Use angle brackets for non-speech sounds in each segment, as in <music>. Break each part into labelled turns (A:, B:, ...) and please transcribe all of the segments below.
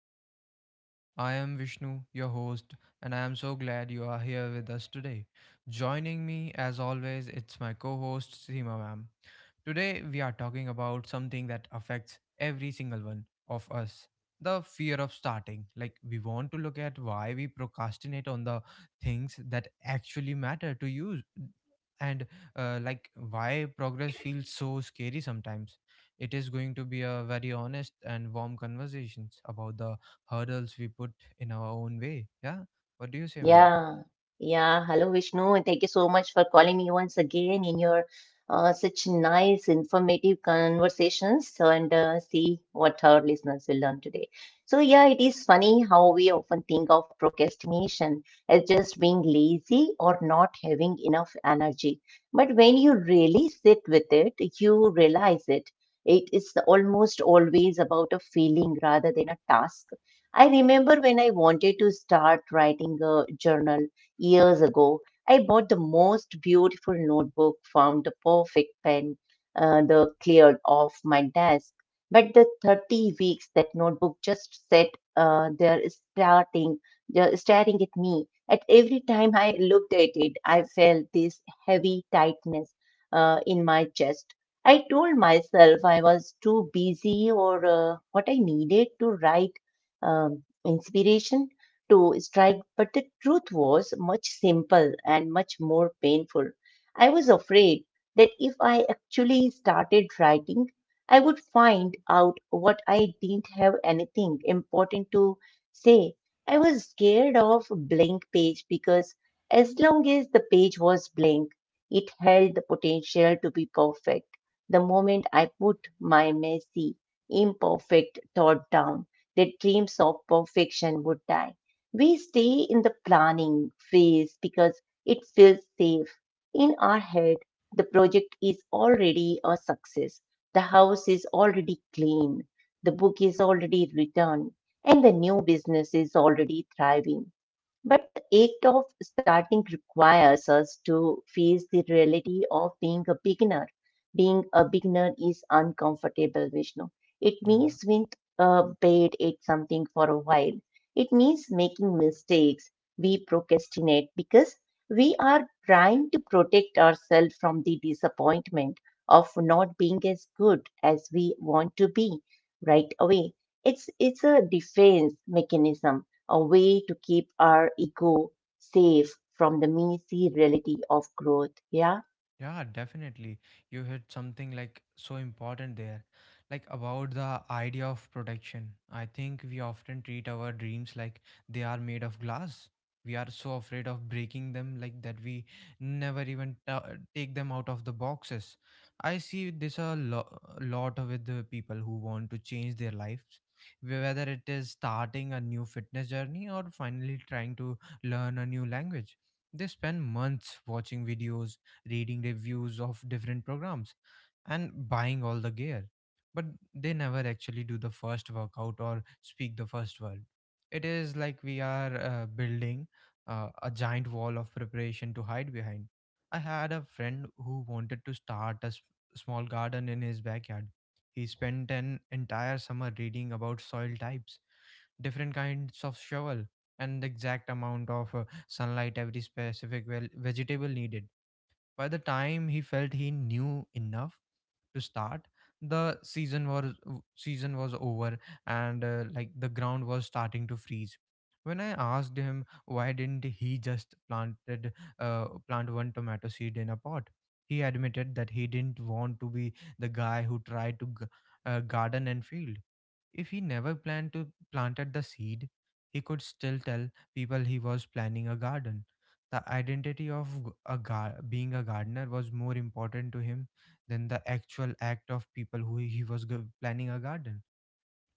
A: back to the show. I am Vishnu, your host, and I am so glad you are here with us today. Joining me, as always, it's my co host, Seema Ma'am. Today, we are talking about something that affects every single one of us, the fear of starting. Like, we want to look at why we procrastinate on the things that actually matter to you and like why progress feels so scary sometimes. It is going to be a very honest and warm conversations about the hurdles we put in our own way. Yeah. What do you say, ma'am?
B: Yeah, yeah. Hello, Vishnu, and thank you so much for calling me once again in your such nice, informative conversations. So, and see what our listeners will learn today. So, yeah, it is funny how we often think of procrastination as just being lazy or not having enough energy. But when you really sit with it, you realize it. It is almost always about a feeling rather than a task. I remember when I wanted to start writing a journal years ago, I bought the most beautiful notebook, found the perfect pen, the cleared off my desk. But the 30 weeks that notebook just sat there starting, staring at me. At every time I looked at it, I felt this heavy tightness in my chest. I told myself I was too busy or what I needed to write inspiration to strike, but the truth was much simple and much more painful. I was afraid that if I actually started writing, I would find out what I didn't have anything important to say. I was scared of blank page because as long as the page was blank, it held the potential to be perfect. The moment I put my messy, imperfect thought down, their dreams of perfection would die. We stay in the planning phase because it feels safe. In our head, the project is already a success. The house is already clean. The book is already written. And the new business is already thriving. But act of starting requires us to face the reality of being a beginner. Being a beginner is uncomfortable, Vishnu. It
A: Yeah.
B: means being bad at something for a while. It means making mistakes. We procrastinate because we are trying to protect ourselves from the disappointment of not being as good as we want to be right away. It's a defense mechanism, a way to keep our ego safe from the messy reality of growth. Yeah.
A: Yeah, definitely. You hit something like so important there. Like about the idea of protection. I think we often treat our dreams like they are made of glass. We are so afraid of breaking them like that we never even ta take them out of the boxes. I see this a lot with the people who want to change their lives, whether it is starting a new fitness journey or finally trying to learn a new language. They spend months watching videos, reading reviews of different programs, and buying all the gear. But they never actually do the first workout or speak the first word. It is like we are building a giant wall of preparation to hide behind. I had a friend who wanted to start a small garden in his backyard. He spent an entire summer reading about soil types, different kinds of shovel, and the exact amount of sunlight every specific well vegetable needed. By the time he felt he knew enough to start, the season was over, and like the ground was starting to freeze. When I asked him why didn't he just planted plant one tomato seed in a pot, he admitted that he didn't want to be the guy who tried to garden and failed. If he never planned to planted the seed, he could still tell people he was planning a garden. The identity of being a gardener was more important to him than the actual act of people who he was planning a garden,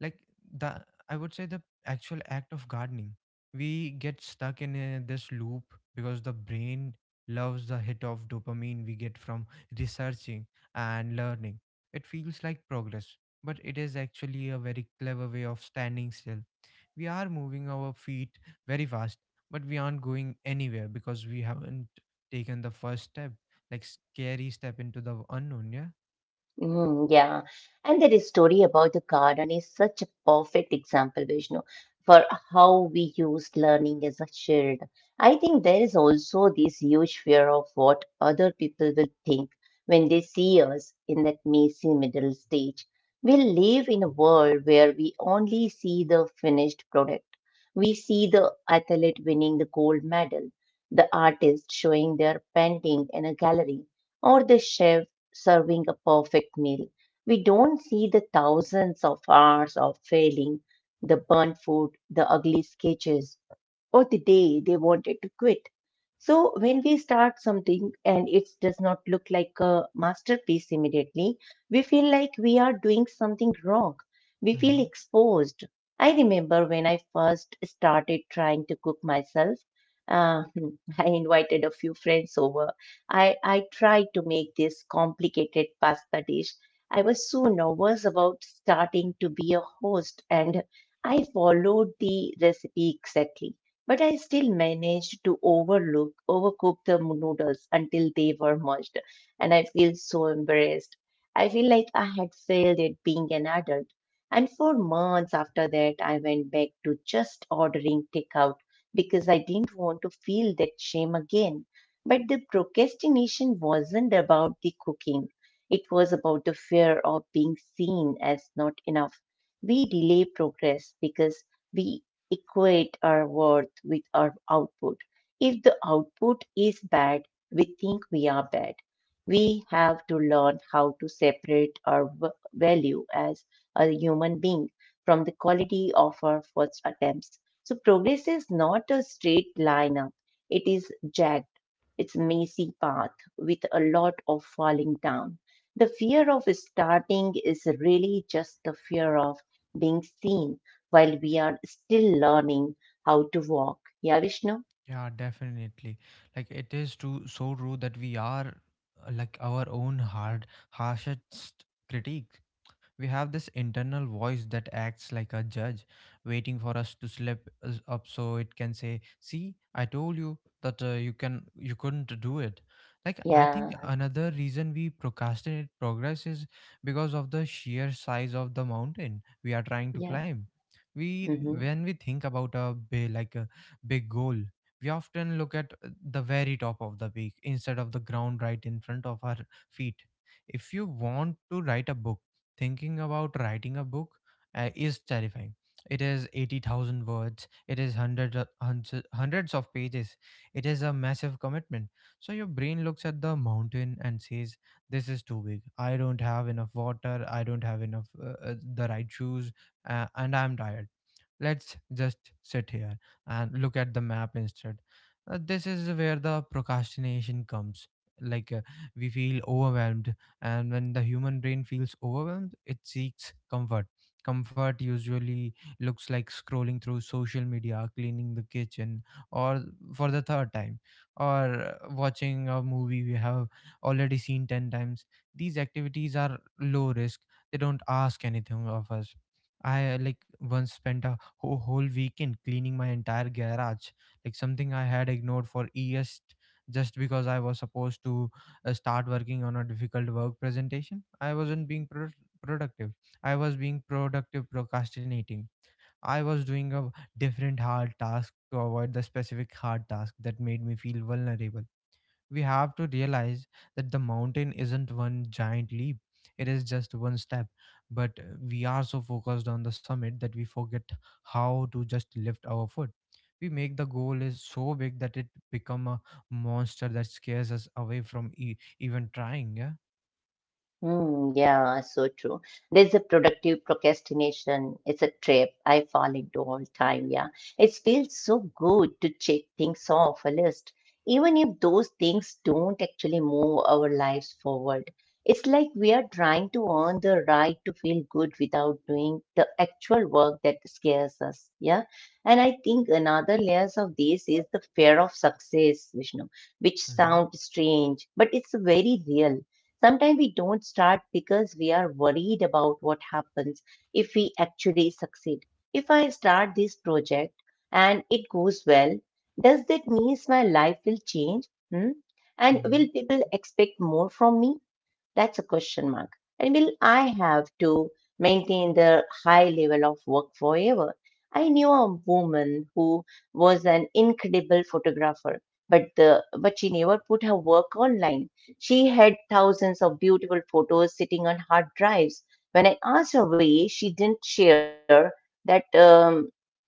A: like the, I would say, the actual act of gardening. We get stuck in this loop because the brain loves the hit of dopamine we get from researching and learning. It feels like progress, but it is actually a very clever way of standing still. We are moving our feet very fast, but we aren't going anywhere because we haven't taken the first step, like scary step into the unknown.
B: Mm, yeah, and that story about the garden is such a perfect example, Vishnu, for how we use learning as a shield. I think there is also this huge fear of what other people will think when they see us in that messy middle stage. We live in a world where we only see the finished product. We see the athlete winning the gold medal, the artist showing their painting in a gallery, or the chef serving a perfect meal. We don't see the thousands of hours of failing, the burnt food, the ugly sketches or the day they wanted to quit. So, when we start something and it does not look like a masterpiece immediately, we feel like we are doing something wrong. We
A: Yeah.
B: feel exposed. I remember when I first started trying to cook myself, uh, <laughs> I invited a few friends over. I tried to make this complicated pasta dish. I was so nervous about starting to be a host and I followed the recipe exactly, but I still managed to overcook the noodles until they were merged, and I feel so embarrassed. I feel like I had failed at being an adult. And for months after that, I went back to just ordering takeout because I didn't want to feel that shame again. But the procrastination wasn't about the cooking. It was about the fear of being seen as not enough. We delay progress because we equate our worth with our output. If the output is bad, we think we are bad. We have to learn how to separate our value as a human being from the quality of our first attempts. So, progress is not a straight line up, it is jagged. It's a messy path with a lot of falling down. The fear of starting is really just the fear of being seen while we are still learning how to walk. Yeah, Vishnu?
A: Yeah, definitely. Like it is true, so true that we are like our own harshest critique. We have this internal voice that acts like a judge, waiting for us to slip us up so it can say, "See, I told you that you can you couldn't do it." Like, I think
B: Yeah,
A: another reason we procrastinate progress is because of the sheer size of the mountain we are trying to
B: yeah.
A: climb. We
B: Hmm.
A: when we think about a big, like a big goal, we often look at the very top of the peak instead of the ground right in front of our feet. If you want to write a book, thinking about writing a book is terrifying. It is 80,000 words, it is hundreds, hundreds of pages, it is a massive commitment. So your brain looks at the mountain and says, this is too big. I don't have enough water, I don't have enough the right shoes, and I'm tired. Let's just sit here and look at the map instead. This is where the procrastination comes. Like uh, we feel overwhelmed, and when the human brain feels overwhelmed it seeks comfort. Comfort usually looks like scrolling through social media, cleaning the kitchen, or for the third time, or watching a movie we have already seen 10 times. These activities are low risk, they don't ask anything of us. I like once spent a whole weekend cleaning my entire garage, like something I had ignored for years, just because I was supposed to start working on a difficult work presentation. I wasn't being productive. I was being productive procrastinating. I was doing a different hard task to avoid the specific hard task that made me feel vulnerable. We have to realize that the mountain isn't one giant leap, it is just one step. But we are so focused on the summit that we forget how to just lift our foot. We make the goal is so big that it become a monster that scares us away from even trying. Yeah.
B: Mm, yeah, so true. There's a productive procrastination. It's a trap I fall into all time. Yeah, it feels so good to check things off a list, even if those things don't actually move our lives forward. It's like we are trying to earn the right to feel good without doing the actual work that scares us. Yeah, and I think another layers of this is the fear of success, Vishnu, which
A: Mm-hmm.
B: sounds strange, but it's very real. Sometimes we don't start because we are worried about what happens if we actually succeed. If I start this project and it goes well, does that means my life will change? Hmm? And
A: Mm-hmm.
B: will people expect more from me? That's a question mark. And will I have to maintain the high level of work forever? I knew a woman who was an incredible photographer, but she never put her work online. She had thousands of beautiful photos sitting on hard drives. When I asked her why she didn't share that, um,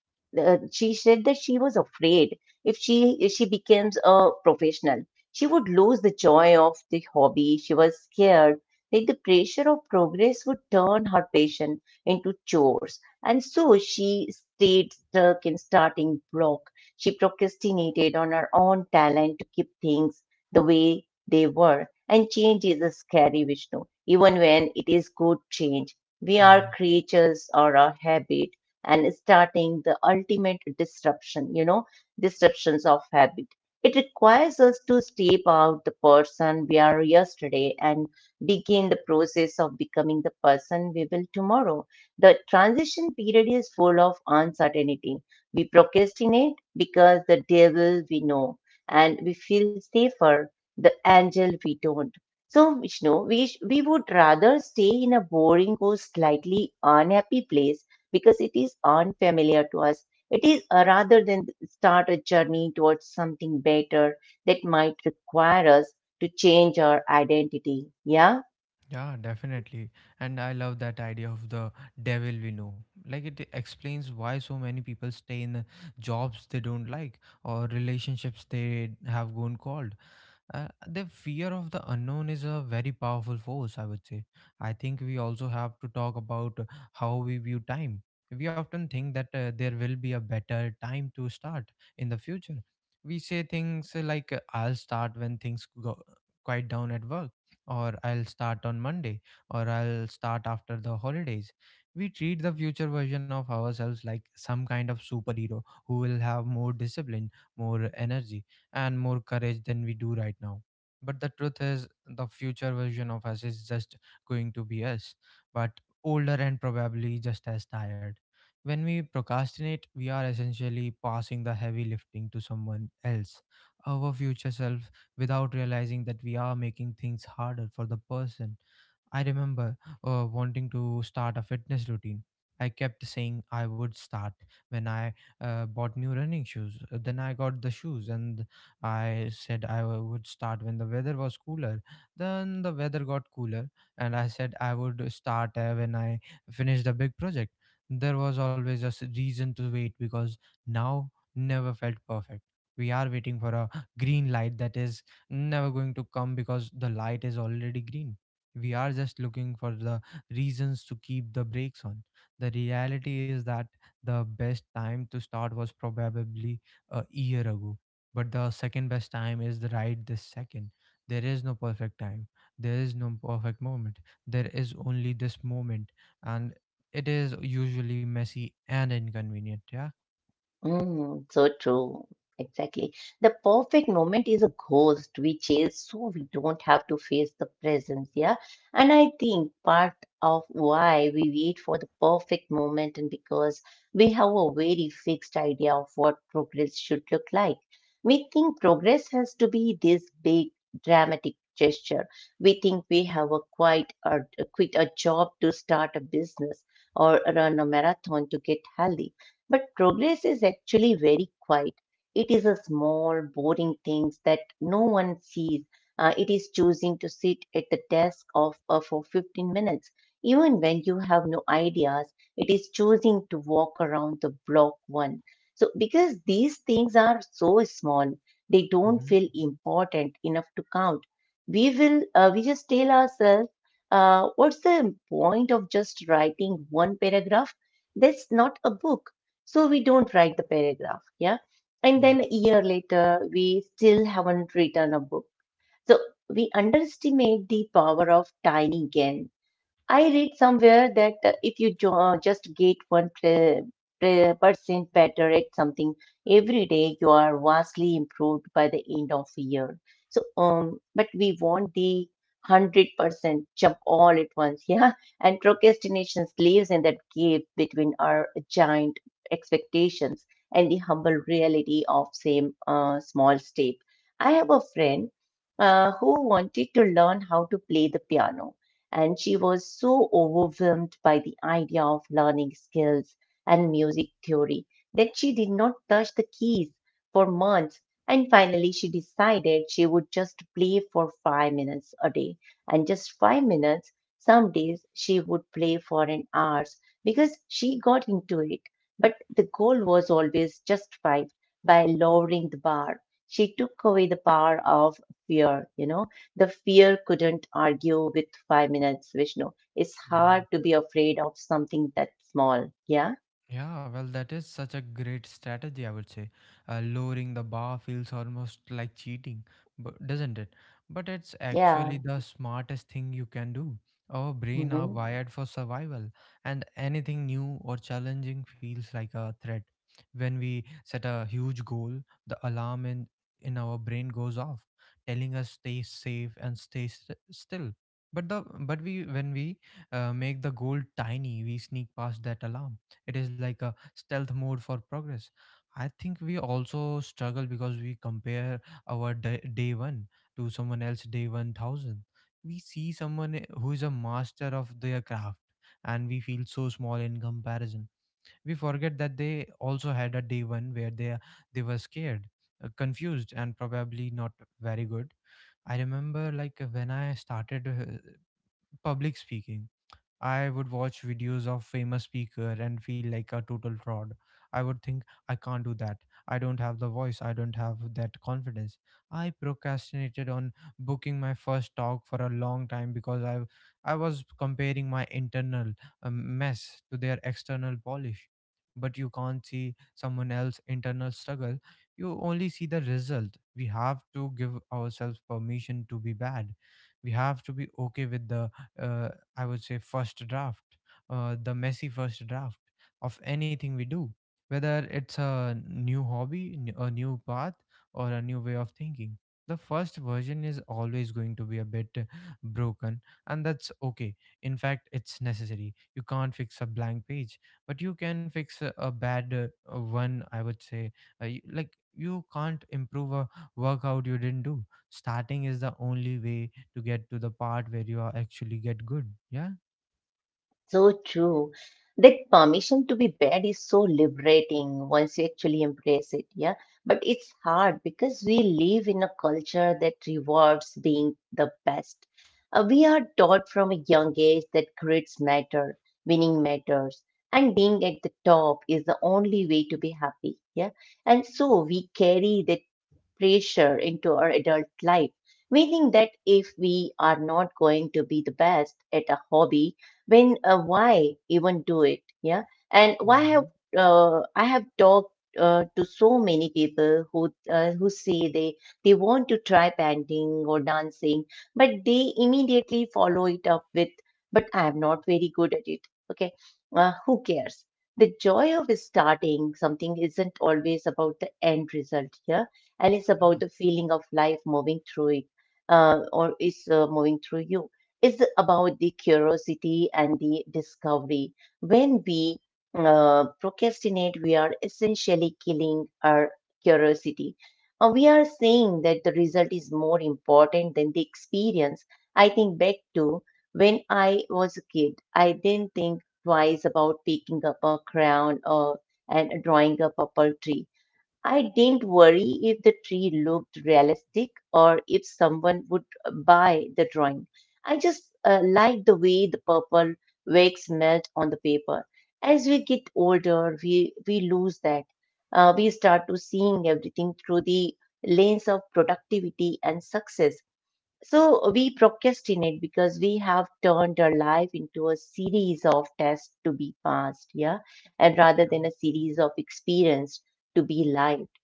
B: uh, she said that she was afraid if she becomes a professional, she would lose the joy of the hobby. She was scared that the pressure of progress would turn her passion into chores, and so she stayed stuck in starting block. She procrastinated on her own talent to keep things the way they were. And change is a scary, Vishnu, even when it is good change. We
A: Yeah.
B: are creatures or a habit, and starting the ultimate disruption, you know, disruptions of habit. It requires us to step out the person we are yesterday and begin the process of becoming the person we will tomorrow. The transition period is full of uncertainty. We procrastinate because the devil we know and we feel safer, the angel we don't. So, Vishnu, we would rather stay in a boring or slightly unhappy place because it is unfamiliar to us. It is rather than start a journey towards something better that might require us to change our identity. Yeah.
A: Yeah, definitely. And I love that idea of the devil we know. Like it explains why so many people stay in jobs they don't like or relationships they have gone cold. The fear of the unknown is a very powerful force, I would say. I think we also have to talk about how we view time. We often think that there will be a better time to start in the future. We say things like, I'll start when things go quiet down at work, or I'll start on Monday, or I'll start after the holidays. We treat the future version of ourselves like some kind of superhero who will have more discipline, more energy and more courage than we do right now. But the truth is, the future version of us is just going to be us, but older and probably just as tired. When we procrastinate, we are essentially passing the heavy lifting to someone else, our future self, without realizing that we are making things harder for the person. I remember wanting to start a fitness routine. I kept saying I would start when I bought new running shoes. Then I got the shoes and I said would start when the weather was cooler. Then the weather got cooler and I said I would start when I finished the big project. There was always a reason to wait because now never felt perfect. We are waiting for a green light that is never going to come because the light is already green. We are just looking for the reasons to keep the brakes on. The reality is that the best time to start was probably a year ago, but the second best time is the right this second. There is no perfect time, there is no perfect moment, there is only this moment, and it is usually messy and inconvenient. Yeah.
B: Mm, so true. Exactly. The perfect moment is a ghost we chase so we don't have to face the presence. Yeah. And I think part of why we wait for the perfect moment and because we have a very fixed idea of what progress should look like. We think progress has to be this big dramatic gesture. We think we have a quit a job to start a business or run a marathon to get healthy, but progress is actually very quiet. It is a small, boring things that no one sees. It is choosing to sit at the desk of, for 15 minutes, even when you have no ideas. It is choosing to walk around the block one. So, because these things are so small, they don't
A: Hmm.
B: feel important enough to count. We just tell ourselves, what's the point of just writing one paragraph? That's not a book. So we don't write the paragraph. Yeah. And
A: Yeah.
B: then a year later, we still haven't written a book. So we underestimate the power of tiny gain. I read somewhere that if you just get one percent better at something every day, you are vastly improved by the end of a year. So, but we want the 100% jump all at once, <laughs> yeah. And procrastination lives in that gap between our giant expectations and the humble reality of same small step. I have a friend who wanted to learn how to play the piano, and she was so overwhelmed by the idea of learning skills and music theory that she did not touch the keys for months. And finally, she decided she would just play for 5 minutes a day, and just 5 minutes. Some days she would play for an hour because she got into it. The goal was always justified by lowering the bar. She took away the power of fear, you know. The fear couldn't argue with 5 minutes, Vishnu. It's
A: Yeah.
B: hard to be afraid of something that's small. Yeah?
A: Yeah, well, that is such a great strategy, I would say. Lowering the bar feels almost like cheating, but doesn't it? But it's
B: Yeah.
A: actually the smartest thing you can do. Our brain are
B: Hmm.
A: wired for survival, and anything new or challenging feels like a threat. When we set a huge goal, the in our brain goes off, telling us stay safe and stay still. But the but we when we make the goal tiny, we sneak past that alarm. It is like a stealth mode for progress. I think we also struggle because we compare our day one to someone else day 1000. We see someone who is a master of their craft and we feel so small in comparison. We forget that they also had a day one where they were scared, confused and probably not very good. I remember like when I started public speaking, I would watch videos of famous speaker and feel like a total fraud. I would think, I can't do that. I don't have the voice. I don't have that confidence. I procrastinated on booking my first talk for a long time because I was comparing my internal mess to their external polish. But you can't see someone else's internal struggle. You only see the result. We have to give ourselves permission to be bad. We have to be okay with the uh, I would say, first draft, the messy first draft of anything we do, whether it's a new hobby, a new path, or a new way of thinking. The first version is always going to be a bit broken, and that's okay. In fact, it's necessary. You can't fix a blank page, but you can fix a bad one, I would say. Like, you can't improve a workout you didn't do. Starting is the only way to get to the part where you are actually get good. Yeah.
B: So true. That permission to be bad is so liberating once you actually embrace it. Yeah. But it's hard because we live in a culture that rewards being the best. We are taught from a young age that grades matter, winning matters, and being at the top is the only way to be happy. Yeah. And so we carry that pressure into our adult life, meaning that if we are not going to be the best at a hobby, then why even do it? Yeah, and why
A: Hmm.
B: have I have talked to so many people who say they want to try painting or dancing, but they immediately follow it up with, "But I am not very good at it." Okay, who cares? The joy of starting something isn't always about the end result. Here and it's about the feeling of life moving through it, or is moving through you. It's about the curiosity and the discovery. When we procrastinate, we are essentially killing our curiosity. We are saying that the result is more important than the experience. I think back to when I was a kid. I didn't think twice about picking up a crayon or and drawing a purple tree. I didn't worry if the tree looked realistic or if someone would buy the drawing. I just liked the way the purple wax melt on the paper. As we get older, we lose that. We start to seeing everything through the lens of productivity and success. So we procrastinate because we have turned our life into a series of tests to be passed, yeah, and rather than a series of experience to be life.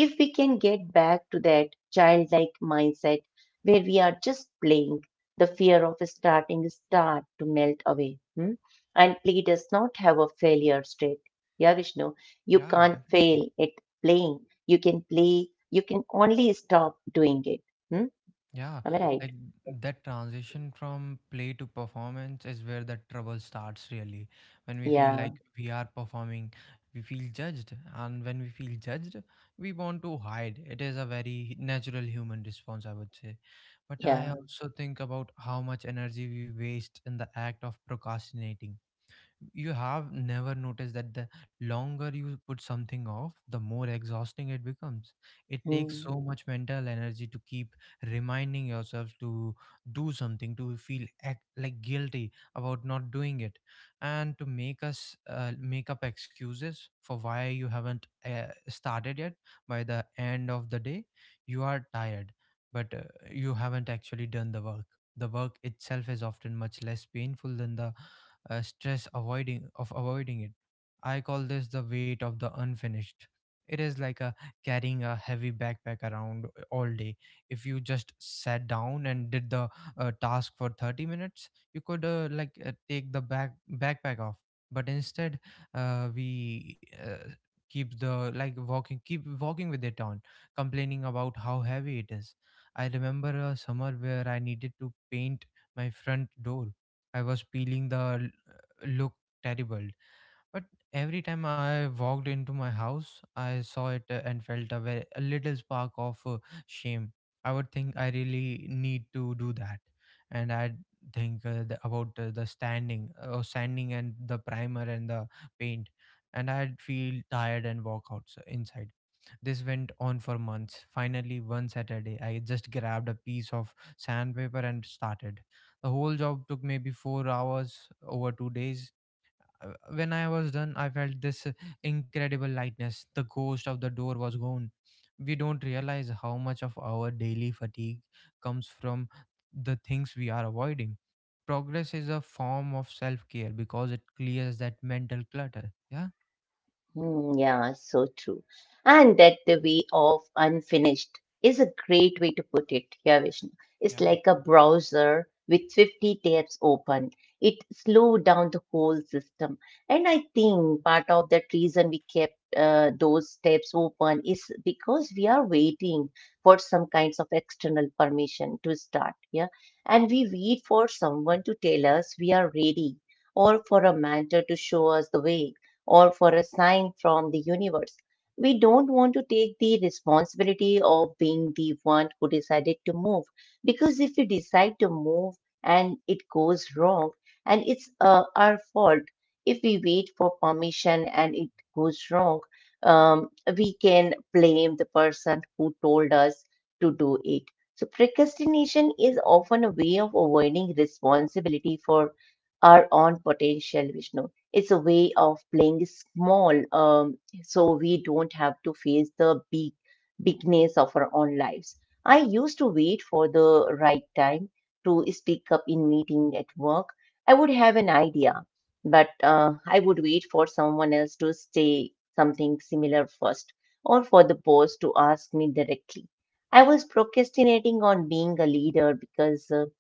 B: If we can get back to that childlike mindset where we are just playing, the fear of starting is start to melt away. Hmm? And play does not have a failure state. Yeah, Vishnu, you
A: Yeah, yeah,
B: can't
A: definitely.
B: fail at playing. You can play. You can only stop doing it. Hmm?
A: Yeah,
B: Am I
A: like
B: right?
A: that transition from play to performance is where the trouble starts really. When we feel
B: Yeah,
A: like we are performing, we feel judged, and when we feel judged, we want to hide. It is a very natural human response, I would say. But I
B: yeah.
A: also think about how much energy we waste in the act of procrastinating you Have never noticed that the longer you put something off, the more exhausting it becomes? It takes
B: Hmm.
A: so much mental energy to keep reminding yourself to do something, to feel act, like guilty about not doing it, and to make up excuses for why you haven't started yet. By the end of the day, you are tired, but you haven't actually done the work. The work itself is often much less painful than the stress avoiding of avoiding it. I call this the weight of the unfinished. It is like a carrying a heavy backpack around all day. If you just sat down and did the task for 30 minutes, you could take the backpack off. But instead, we keep the like walking keep walking with it on, complaining about how heavy it is. I remember a summer where I needed to paint my front door. I was peeling the look terrible. But every time I walked into my house, I saw it and felt a little spark of shame. I would think, I really need to do that. And I'd think about the standing or sanding and the primer and the paint, and I'd feel tired and walk out inside. This went on for months. Finally, one Saturday, I just grabbed a piece of sandpaper and started. The whole job took maybe 4 hours over 2 days. When I was done, I felt this incredible lightness. The ghost of the door was gone. We don't realize how much of our daily fatigue comes from the things we are avoiding. Progress is a form of self care because it clears that mental clutter.
B: Hmm, yeah, so true. And that the way of unfinished is a great way to put it here, Vishnu. It's
A: Yeah.
B: like a browser with 50 tabs open. It slowed down the whole system. And I think part of that reason we kept those tabs open is because we are waiting for some kinds of external permission to start. Yeah. And we wait for someone to tell us we are ready or for a mentor to show us the way or for a sign from the universe. We don't want to take the responsibility of being the one who decided to move because if we decide to move and it goes wrong and it's our fault, if we wait for permission and it goes wrong, um, we can blame the person who told us to do it. So, procrastination is often a way of avoiding responsibility for our own potential, Vishnu. It's a way of playing small, so we don't have to face the big bigness of our own lives. I used to wait for the right time to speak up in meeting at work. I would have an idea, but I would wait for someone else to say something similar first, or for the boss to ask me directly. I was procrastinating on being a leader because uh,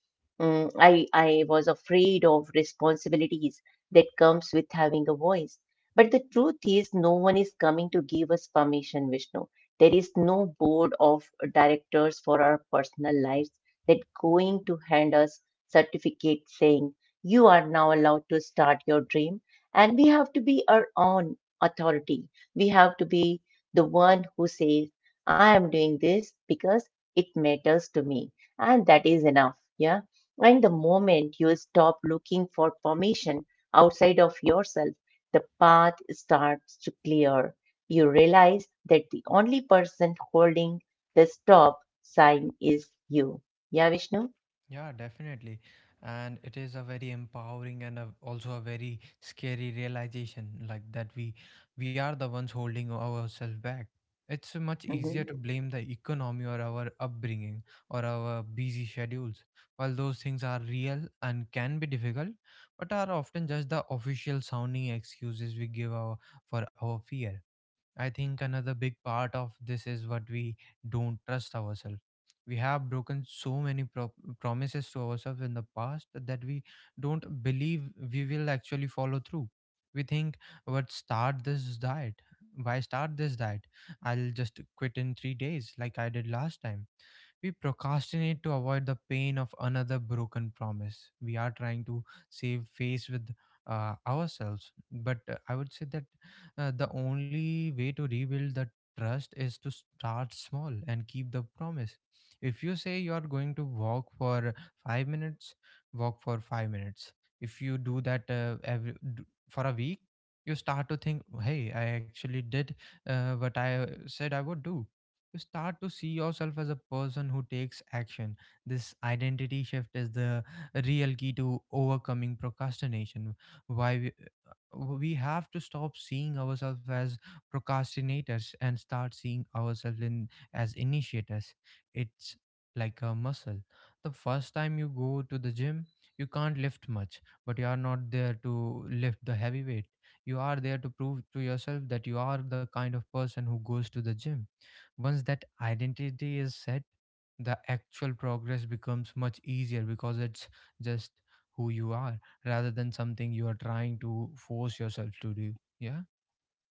B: mm, I I was afraid of responsibilities that comes with having a voice. But the truth is, no one is coming to give us permission, Vishnu. There is no board of directors for our personal lives that going to hand us certificate saying you are now allowed to start your dream. And we have to be our own authority. We have to be the one who says, I am doing this because it matters to me. And that is enough. Yeah. And the moment you stop looking for permission, outside of yourself, the path starts to clear. You realize that the only person holding the stop sign is you. Yeah, Vishnu?
A: Yeah, definitely. And it is a very empowering and also a very scary realization, like that we are the ones holding ourselves back. It's much easier
B: Mhm.
A: to blame the economy or our upbringing or our busy schedules. While those things are real and can be difficult, but are often just the official sounding excuses we for our fear. I think another big part of this is what we don't trust ourselves. We have broken so many promises to ourselves in the past that we don't believe we will actually follow through. We think, what start this diet? Why start this diet? I'll just quit in 3 days, like I did last time. We procrastinate to avoid the pain of another broken promise. We are trying to save face with ourselves. But I would say that the only way to rebuild the trust is to start small and keep the promise. If you say you are going to walk for 5 minutes, walk for 5 minutes. If you do that for a week, you start to think, hey, I actually did what I said I would do. You start to see yourself as a person who takes action. This identity shift is the real key to overcoming procrastination. Why we, we have to stop seeing ourselves as procrastinators and start seeing ourselves in as initiators. It's like a muscle. The first time you go to the gym, you can't lift much, but you are not there to lift the heavy weight. You are there to prove to yourself that you are the kind of person who goes to the gym. Once that identity is set, the actual progress becomes much easier because it's just who you are, rather than something you are trying to force yourself to do. Yeah.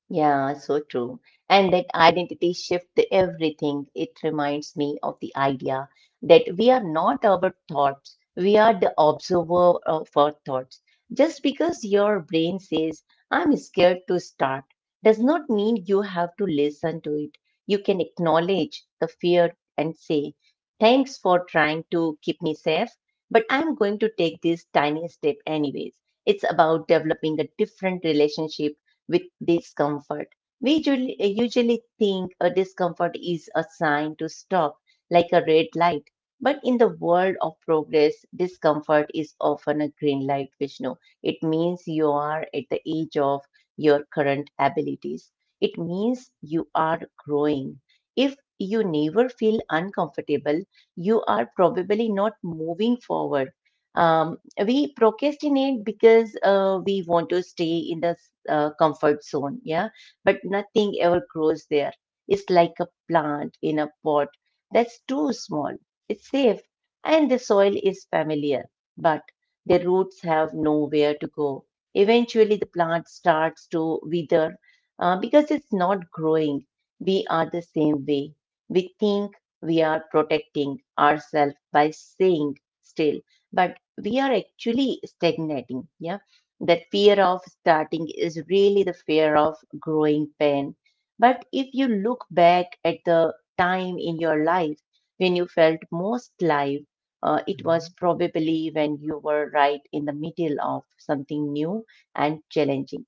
B: Yeah, so true. And that identity shift everything. It reminds me of the idea that we are not our thoughts, we are the observer of our thoughts. Just because your brain says, I'm scared to start, does not mean you have to listen to it. You can acknowledge the fear and say, thanks for trying to keep me safe, but I'm going to take this tiny step anyways. It's about developing a different relationship with discomfort. We usually think a discomfort is a sign to stop, like a red light. But in the world of progress, discomfort is often a green light, Vishnu. It means you are at the edge of your current abilities. It means you are growing. If you never feel uncomfortable, you are probably not moving forward. Um, we procrastinate because we want to stay in the comfort zone, yeah, but nothing ever grows there. It's like a plant in a pot that's too small. It's safe and the soil is familiar, but the roots have nowhere to go. Eventually, the plant starts to wither because it's not growing. We are the same way. We think we are protecting ourselves by staying still, but we are actually stagnating. Yeah. That fear of starting is really the fear of growing pain. But if you look back at the time in your life when you felt most alive, it
A: Mm-hmm.
B: was probably when you were right in the middle of something new and challenging.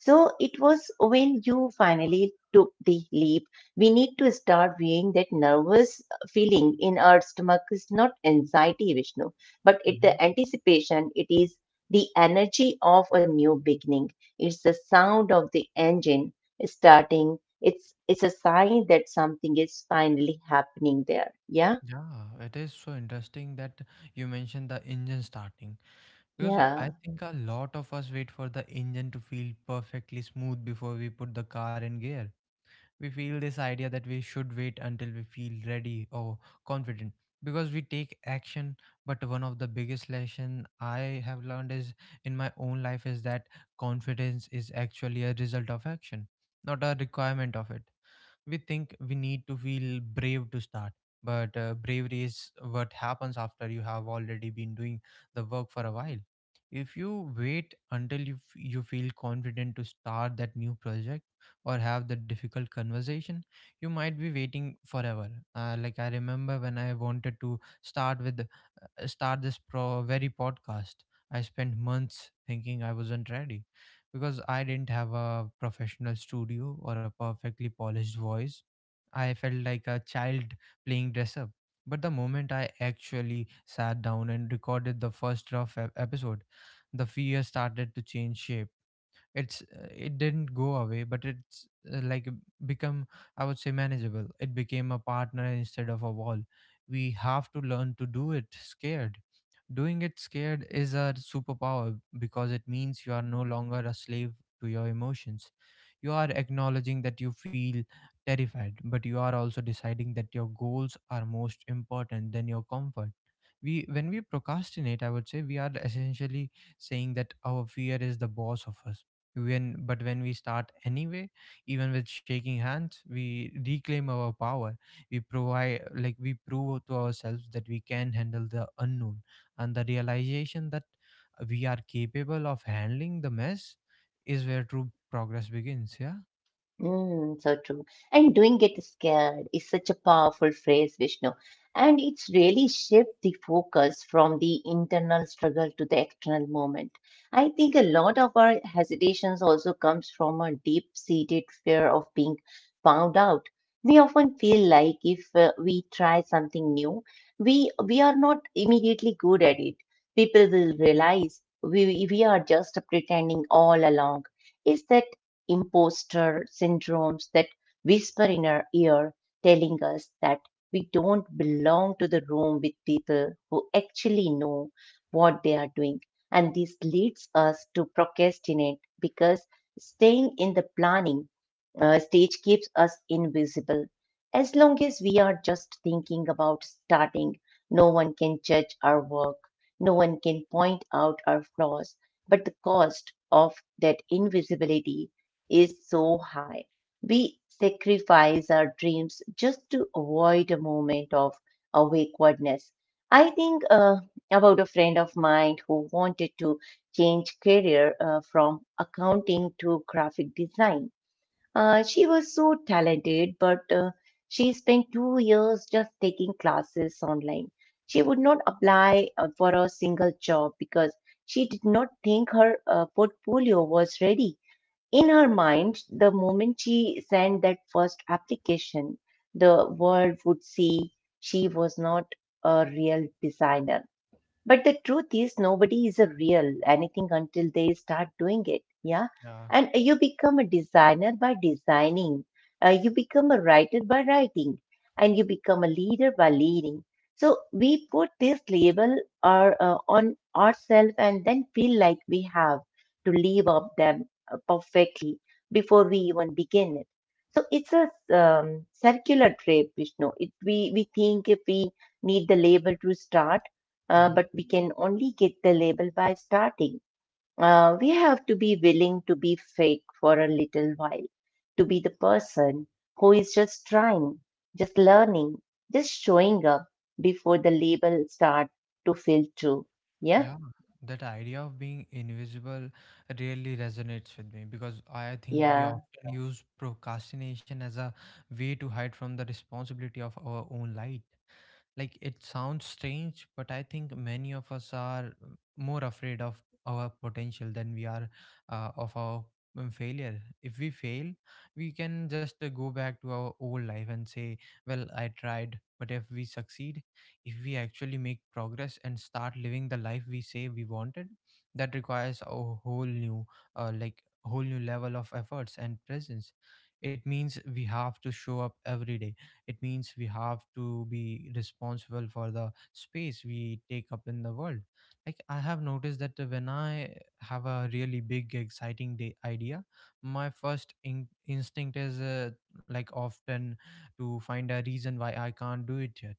B: So it was when you finally took the leap. We need to start viewing that nervous feeling in our stomach is not anxiety, Vishnu, but it
A: Mm-hmm.
B: the anticipation. It is the energy of a new beginning. It's the sound of the engine starting. It's a sign that something is finally happening there. Yeah,
A: Yeah, it is so interesting that you mentioned the engine starting, because I
B: yeah.
A: think a lot of us wait for the engine to feel perfectly smooth before we put the car in gear. We feel this idea that we should wait until we feel ready or confident because we take action. But one of the biggest lesson I have learned is in my own life is that confidence is actually a result of action, not a requirement of it. We think we need to feel brave to start, but bravery is what happens after you have already been doing the work for a while. If you wait until you feel confident to start that new project or have the difficult conversation, you might be waiting forever. Like, I remember when I wanted to start this pro- very podcast. I spent months thinking I wasn't ready because I didn't have a professional studio or a perfectly polished voice. I felt like a child playing dress up. But the moment I actually sat down and recorded the first rough episode, the fear started to change shape. It's it didn't go away, but it's become, I would say, manageable. It became a partner instead of a wall. We have to learn to do it scared. Doing it scared is a superpower because it means you are no longer a slave to your emotions. You are acknowledging that you feel terrified, but you are also deciding that your goals are most important than your comfort. We when we procrastinate, I would say, we are essentially saying that our fear is the boss of us. When but when we start anyway, even with shaking hands, we reclaim our power. We provide like We prove to ourselves that we can handle the unknown, and the realization that we are capable of handling the mess is where true progress begins. Yeah.
B: Mm, so true. And doing get scared is such a powerful phrase, Vishnu. And it's really shift the focus from the internal struggle to the external moment. I think a lot of our hesitations also comes from a deep-seated fear of being found out. We often feel like if we try something new, we are not immediately good at it. People will realize we are just pretending all along. It's that imposter syndromes that whisper in our ear, telling us that we don't belong to the room with people who actually know what they are doing. And this leads us to procrastinate because staying in the planning stage keeps us invisible. As long as we are just thinking about starting, no one can judge our work, no one can point out our flaws, but the cost of that invisibility is so high. We sacrifice our dreams just to avoid a moment of awkwardness. I think about a friend of mine who wanted to change career from accounting to graphic design. She was so talented, but she spent 2 years just taking classes online. She would not apply for a single job because she did not think her portfolio was ready. In her mind, the moment she sent that first application, the world would see she was not a real designer. But the truth is, nobody is a real anything until they start doing it. Yeah.
A: Yeah.
B: And you become a designer by designing, you become a writer by writing, and you become a leader by leading. So we put this label or, on ourselves and then feel like we have to live up them perfectly before we even begin it. So it's a circular trip, Vishnu. It, we think if we need the label to start,
A: Mhm.
B: but we can only get the label by starting. We have to be willing to be fake for a little while, to be the person who is just trying, just learning, just showing up before the label start to feel true. Yeah,
A: Yeah, that idea of being invisible really resonates with me because I think we
B: yeah,
A: often use procrastination as a way to hide from the responsibility of our own light. Like, it sounds strange, but I think many of us are more afraid of our potential than we are of our failure. If we fail, we can just go back to our old life and say, well, I tried. But if we succeed, if we actually make progress and start living the life we say we wanted, that requires a whole new level of efforts and presence. It means we have to show up every day. It means we have to be responsible for the space we take up in the world. Like, I have noticed that when I have a really big exciting day idea, my first instinct is often to find a reason why I can't do it yet.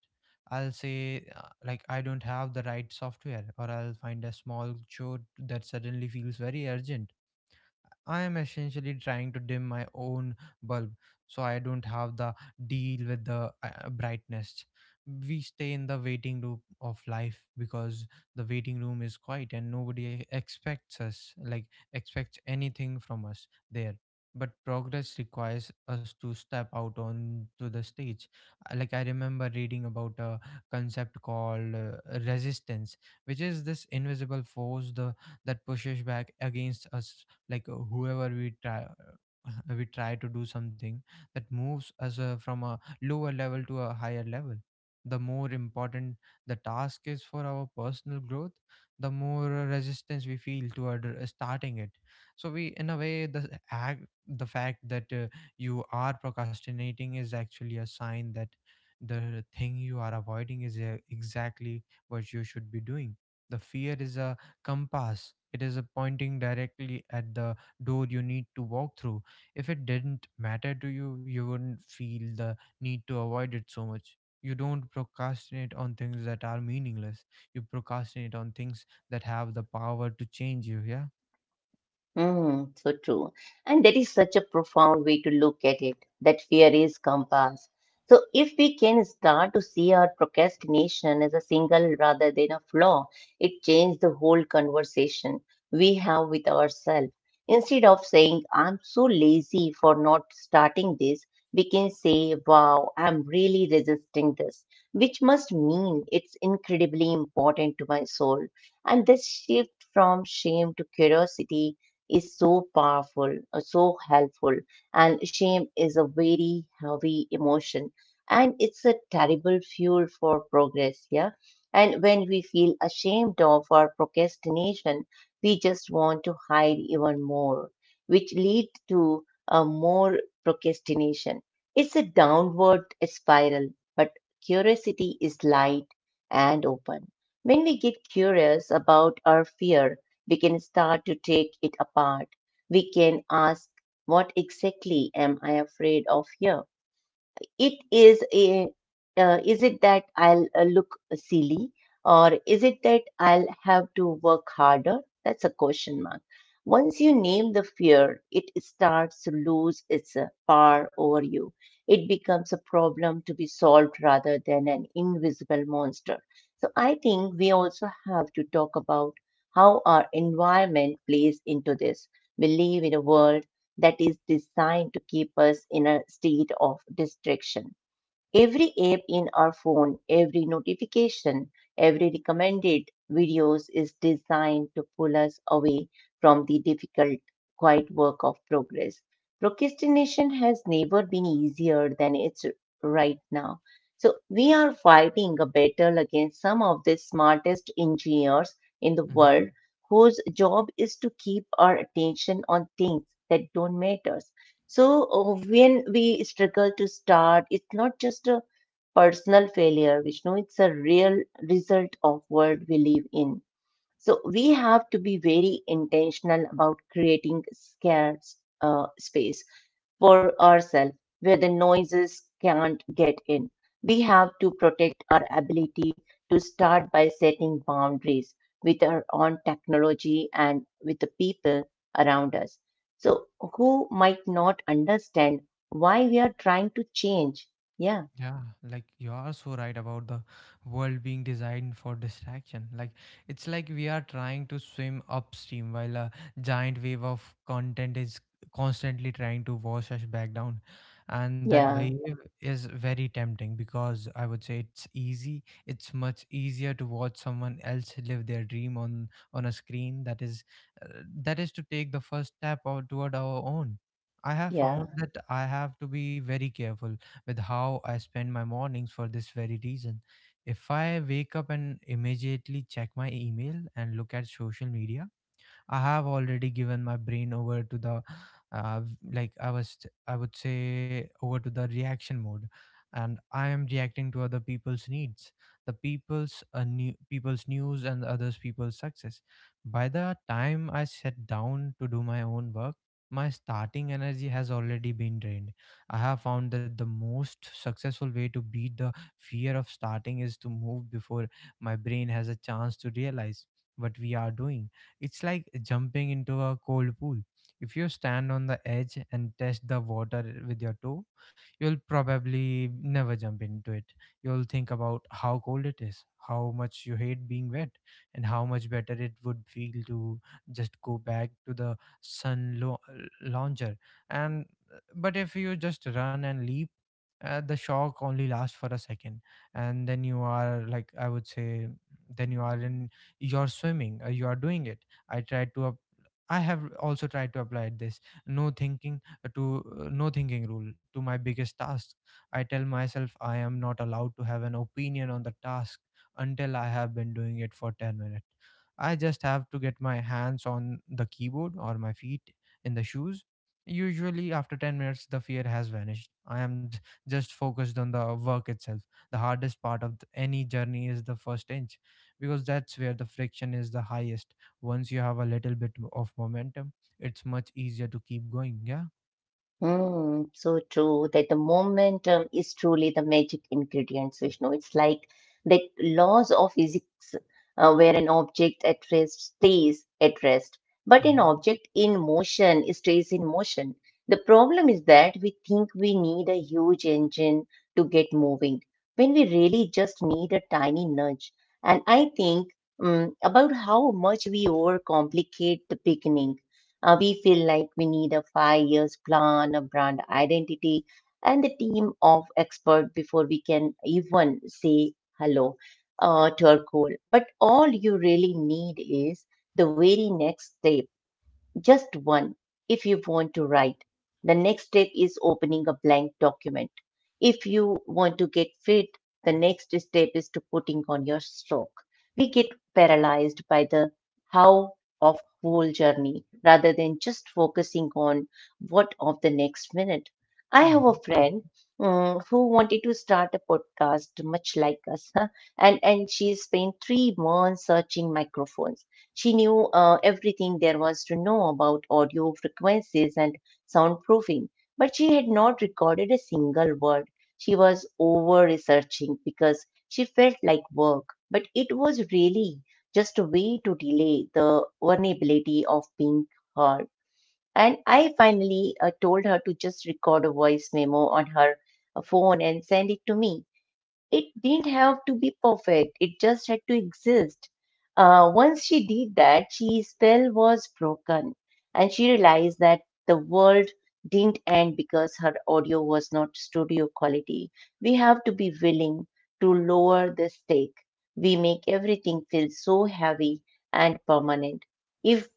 A: I'll say I don't have the right software, or I'll find a small chore that suddenly feels very urgent. I am essentially trying to dim my own bulb so I don't have the deal with the brightness. We stay in the waiting loop of life because the waiting room is quiet and nobody expects anything from us there. But progress requires us to step out onto the stage. Like, I remember reading about a concept called resistance, which is this invisible force that pushes back against us, like whoever we try <laughs> we try to do something that moves us from a lower level to a higher level. The more important the task is for our personal growth, the more resistance we feel toward starting it. So, we in a way, the fact that you are procrastinating is actually a sign that the thing you are avoiding is exactly what you should be doing. The fear is a compass. It is a pointing directly at the door you need to walk through. If it didn't matter to you, you wouldn't feel the need to avoid it so much. You don't procrastinate on things that are meaningless. You procrastinate on things that have the power to change you. Yeah.
B: mm, so true. And that is such a profound way to look at it, that fear is compass. So if we can start to see our procrastination as a single rather than a flaw, it changes the whole conversation we have with ourselves. Instead of saying, I'm so lazy for not starting this, we can say, wow, I'm really resisting this, which must mean it's incredibly important to my soul. And this shift from shame to curiosity is so powerful, so helpful. And shame is a very heavy emotion and it's a terrible fuel for progress. Yeah. And when we feel ashamed of our procrastination, we just want to hide even more, which lead to a more procrastination. It's a downward spiral, but curiosity is light and open. When we get curious about our fear, we can start to take it apart. We can ask, what exactly am I afraid of here? It is a is it that I'll look silly or is it that I'll have to work harder? That's a question mark. Once you name the fear, it starts to lose its power over you. It becomes a problem to be solved rather than an invisible monster. So I think we also have to talk about how our environment plays into this. We live in a world that is designed to keep us in a state of distraction. Every app in our phone, every notification, every recommended videos is designed to pull us away from the difficult, quiet work of progress. Procrastination has never been easier than it's right now. So we are fighting a battle against some of the smartest engineers in the
A: Mm-hmm.
B: world whose job is to keep our attention on things that don't matter. So when we struggle to start, it's not just a personal failure, Vishnu, it's a real result of world we live in. So we have to be very intentional about creating scarce space for ourselves where the noises can't get in. We have to protect our ability to start by setting boundaries with our own technology and with the people around us. So, who might not understand why we are trying to change? Yeah,
A: Yeah, like, you are so right about the world being designed for distraction. Like, it's like we are trying to swim upstream while a giant wave of content is constantly trying to wash us back down. And that
B: yeah,
A: wave is very tempting because, I would say, it's easy. It's much easier to watch someone else live their dream on a screen uh, that is to take the first step out toward our own. I have found
B: yeah.
A: that I have to be very careful with how I spend my mornings for this very reason. If I wake up and immediately check my email and look at social media, I have already given my brain over to the uh, v- like I was I would say over to the reaction mode, and I am reacting to other people's needs, the people's news and others people's success. By the time I sat down to do my own work, my starting energy has already been drained. I have found that the most successful way to beat the fear of starting is to move before my brain has a chance to realize what we are doing. It's like jumping into a cold pool. If you stand on the edge and test the water with your toe, you'll probably never jump into it. You'll think about how cold it is, how much you hate being wet, and how much better it would feel to just go back to the sun lo- launcher. And but if you just run and leap, the shock only lasts for a second, and then you are then you are in you're swimming, you are doing it. i tried to up- I have also tried to apply this no thinking to no thinking rule to my biggest task. I tell myself I am not allowed to have an opinion on the task until I have been doing it for 10 minutes. I just have to get my hands on the keyboard or my feet in the shoes. Usually after 10 minutes the fear has vanished. Just focused on the work itself. The hardest part of any journey is the first inch, because that's where the friction is the highest. Once you have a little bit of momentum, it's much easier to keep going. Yeah.
B: Mm, so true that the momentum is truly the magic ingredient, Vishnu. It's like that laws of physics where an object at rest stays at rest, but an
A: hmm
B: object in motion stays in motion. The problem is that we think we need a huge engine to get moving when we really just need a tiny nudge. And I think about how much we overcomplicate the beginning. We feel like we need a 5 years plan, a brand identity, and a team of experts before we can even say hello to our goal. But all you really need is the very next step, just one. If you want to write, the next step is opening a blank document. If you want to get fit, the next step is to putting on your stroke. We get paralyzed by the how of whole journey rather than just focusing on what of the next minute. I have a
A: hmm
B: friend, mm, who wanted to start a podcast much like us, huh, and she spent 3 months searching microphones. She knew everything there was to know about audio frequencies and soundproofing, but she had not recorded a single word. She was over researching because she felt like work, but it was really just a way to delay the vulnerability of being heard. And I finally told her to just record a voice memo on her phone and send it to me. It didn't have to be perfect, it just had to exist. Once she did that, she spell was broken, and she realized that the world didn't end because her audio was not studio quality. We have to be willing to lower the stake. We make everything feel so heavy and permanent. If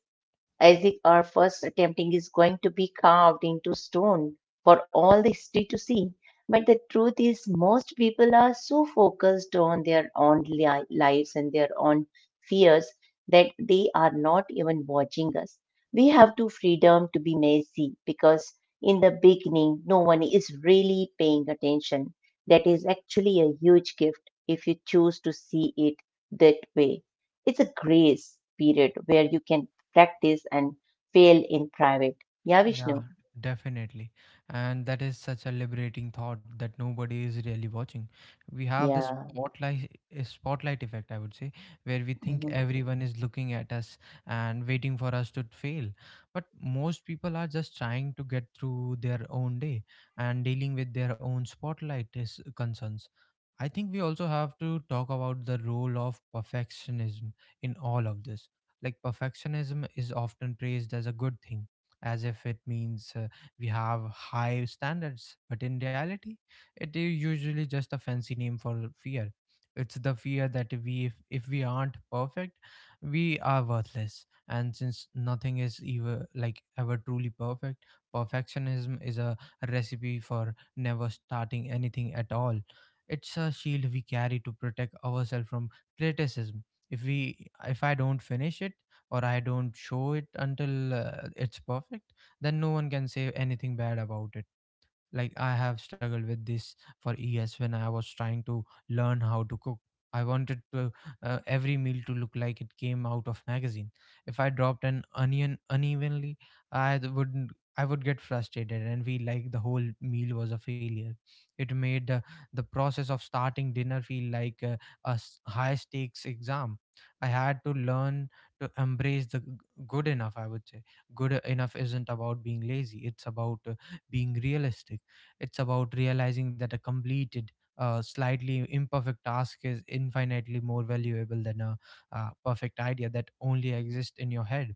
B: I think our first attempting is going to be carved into stone for all the history to see. But the truth is, most people are so focused on their own lives and their own fears that they are not even watching us. We have to freedom to be messy because in the beginning, no one is really paying attention. That is actually a huge gift if you choose to see it that way. It's a grace period where you can practice and fail in private. Yeah,
A: Yeah,
B: Vishnu.
A: definitely. And that is such a liberating thought that nobody is really watching. We have this
B: Yeah.
A: spotlight effect, I would say, where we think
B: Mhm.
A: everyone is looking at us and waiting for us to fail. But most people are just trying to get through their own day and dealing with their own spotlight is concerns. I think we also have to talk about the role of perfectionism in all of this. Like, perfectionism is often praised as a good thing, as if it means we have high standards. But in reality, it is usually just a fancy name for fear. It's the fear that we, if we aren't perfect, we are worthless. And since nothing is ever like ever truly perfect, perfectionism is a recipe for never starting anything at all. It's a shield we carry to protect ourselves from criticism. If I don't finish it, or I don't show it until it's perfect, then no one can say anything bad about it. Like, I have struggled with this for years. When I was trying to learn how to cook, I wanted every meal to look like it came out of magazine. If I dropped an onion unevenly, I th- wouldn't I would get frustrated and feel like the whole meal was a failure. It made the process of starting dinner feel like a high stakes exam. I had to learn to embrace good enough, I would say. Good enough isn't about being lazy. It's about being realistic. It's about realizing that a completed, slightly imperfect task is infinitely more valuable than a perfect idea that only exists in your head.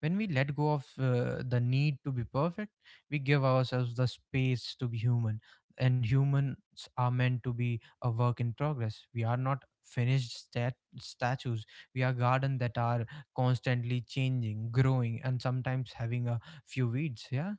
A: When we let go of the need to be perfect, we give ourselves the space to be human. And humans are meant to be a work in progress. We are not finished statues. We are garden that are constantly changing, growing, and sometimes having a few weeds. Yeah.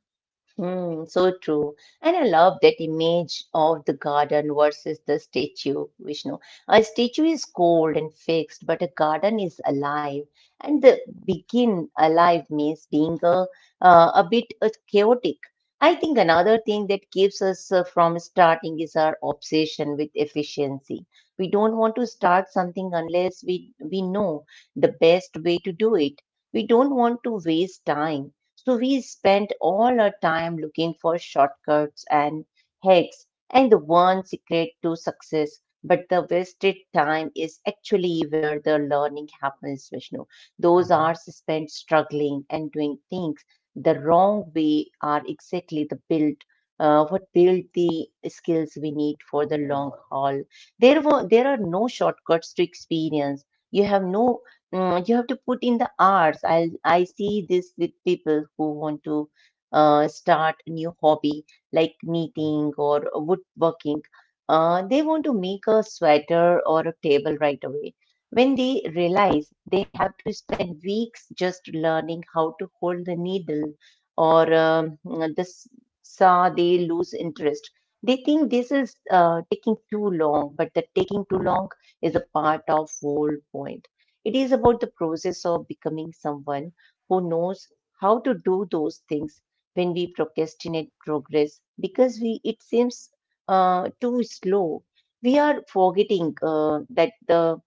B: Mm, so true. And I love that image of the garden versus the statue, Vishnu. A statue is cold and fixed, but a garden is alive. And the begin alive means being a bit chaotic. I think another thing that keeps us from starting is our obsession with efficiency. We don't want to start something unless we know the best way to do it. We don't want to waste time, so we spend all our time looking for shortcuts and hacks and the one secret to success. But the wasted time is actually where the learning happens, Vishnu. Those
A: Mm-hmm.
B: hours spent struggling and doing things the wrong way are exactly the build, what build the skills we need for the long haul. There are no shortcuts to experience. You have no— mm, you have to put in the hours. I see this with people who want to start a new hobby like knitting or woodworking. They want to make a sweater or a table right away. When they realize they have to spend weeks just learning how to hold the needle or this saw, they lose interest. They think this is taking too long, but the taking too long is a part of whole point. It is about the process of becoming someone who knows how to do those things when we procrastinate progress because we it seems too slow. We are forgetting that the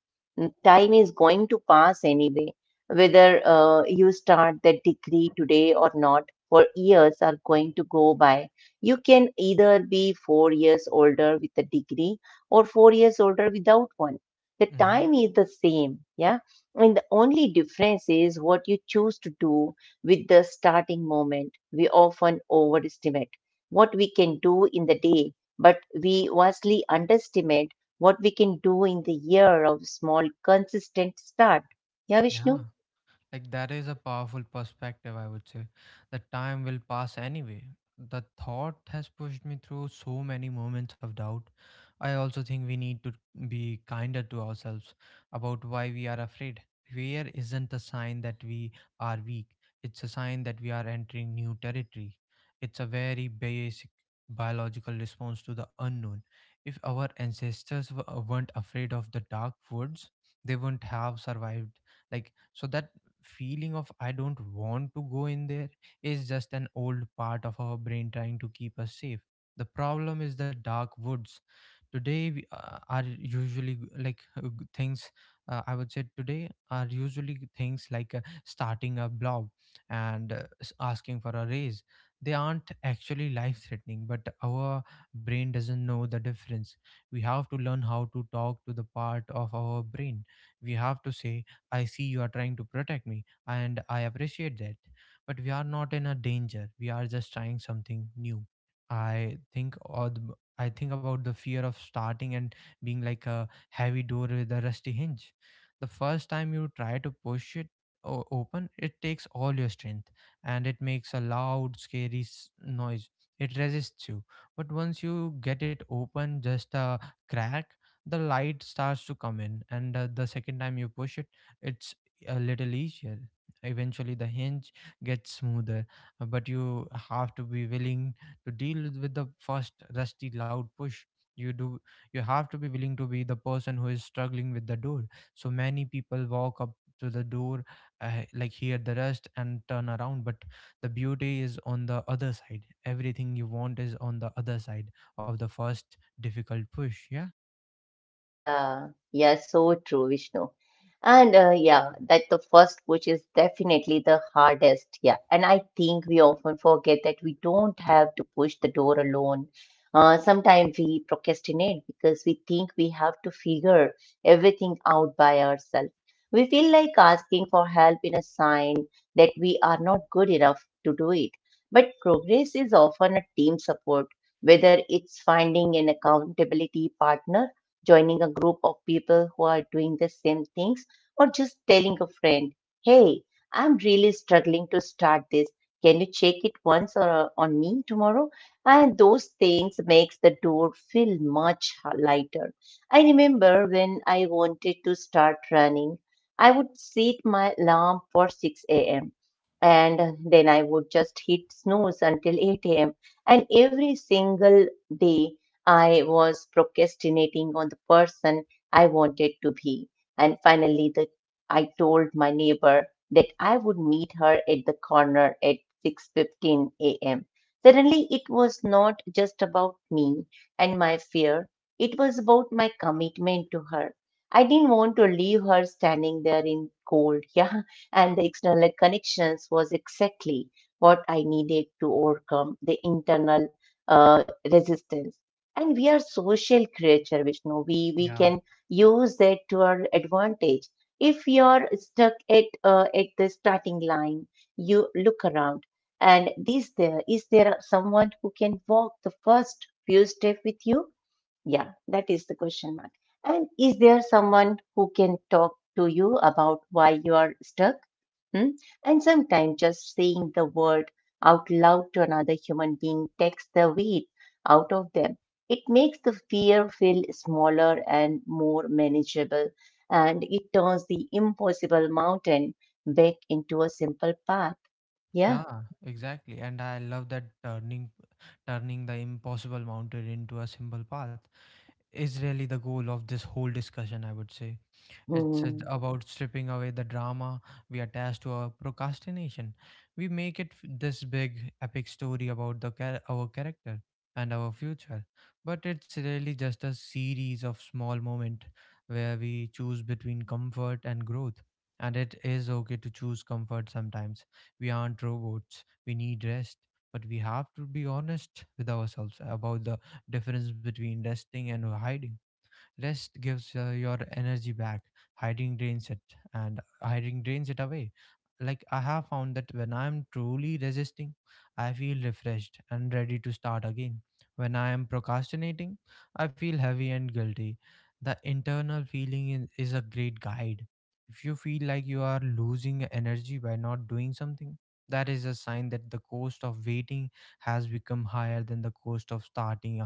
B: time is going to pass anyway. Whether you start that degree today or not, for years are going to go by. You can either be 4 years older with a degree or 4 years older without one. The
A: Mm-hmm.
B: time is the same, yeah. And the only difference is what you choose to do with the starting moment. We often overestimate what we can do in the day, but we vastly underestimate what we can do in the year of small consistent start. Yeah,
A: Yeah.
B: Vishnu?
A: Like, that is a powerful perspective, I would say. The time will pass anyway. The thought has pushed me through so many moments of doubt. I also think we need to be kinder to ourselves about why we are afraid. Fear isn't a sign that we are weak, it's a sign that we are entering new territory. It's a very basic biological response to the unknown. If our ancestors weren't afraid of the dark woods, they wouldn't have survived. Like, so that feeling of I don't want to go in there is just an old part of our brain trying to keep us safe. The problem is the dark woods. Today we are usually g- like g- things. I would say today are usually things like starting a blog and asking for a raise. They aren't actually life threatening, but our brain doesn't know the difference. We have to learn how to talk to the part of our brain. We have to say I see you are trying to protect me, and I appreciate that. But we are not in a danger. We are just trying something new. I think about the fear of starting and being like a heavy door with a rusty hinge. The first time you try to push it open, it takes all your strength and it makes a loud, scary noise. It resists you. But once you get it open, just a crack, the light starts to come in. And the second time you push it, it's a little easier. Eventually, the hinge gets smoother, but you have to be willing to deal with the first rusty, loud push. You do. You have to be willing to be the person who is struggling with the door. So many people walk up to the door, hear the rust and turn around. But the beauty is on the other side. Everything you want is on the other side of the first difficult push. Yeah.
B: Yeah, yeah, so true, Vishnu. And yeah, that the first push is definitely the hardest. Yeah, and I think we often forget that we don't have to push the door alone. Sometimes we procrastinate because we think we have to figure everything out by ourselves. We feel like asking for help in a sign that we are not good enough to do it. But progress is often a team support, whether it's finding an accountability partner, joining a group of people who are doing the same things, or just telling a friend, hey, I'm really struggling to start this. Can you check it once or on me tomorrow? And those things makes the door feel much lighter. I remember when I wanted to start running, I would set my alarm for 6 a.m. and then I would just hit snooze until 8 a.m. And every single day I was procrastinating on the person I wanted to be. And finally, the, I told my neighbor that I would meet her at the corner at 6:15 a.m. Suddenly, it was not just about me and my fear, it was about my commitment to her. I didn't want to leave her standing there in cold, <laughs> yeah, and the external connections was exactly what I needed to overcome the internal uh, resistance. And we are social creature, Vishnu. We
A: Yeah.
B: can use that to our advantage. If you're stuck at the starting line, you look around, and is there someone who can walk the first few steps with? Yeah, that is the question mark. And is there someone who can talk to you about why you are stuck? Hmm? And sometimes just saying the word out loud to another human being takes the weight out of them. It makes the fear feel smaller and more manageable, and it turns the impossible mountain back into a simple path. Yeah.
A: Yeah, exactly. And I love that turning the impossible mountain into a simple path is really the goal of this whole discussion, I would say. It's
B: Hmm.
A: about stripping away the drama we attach to our procrastination. We make it this big epic story about our character and our future, but it's really just a series of small moments where we choose between comfort and growth. And it is okay to choose comfort sometimes. We aren't robots. We need rest, but we have to be honest with ourselves about the difference between resting and hiding. Rest gives your energy back. Hiding drains it, and hiding drains it away. Like, I have found that when I am truly resisting, I feel refreshed and ready to start again. When I am procrastinating, I feel heavy and guilty. The internal feeling is a great guide. If you feel like you are losing energy by not doing something, that is a sign that the cost of waiting has become higher than the cost of starting.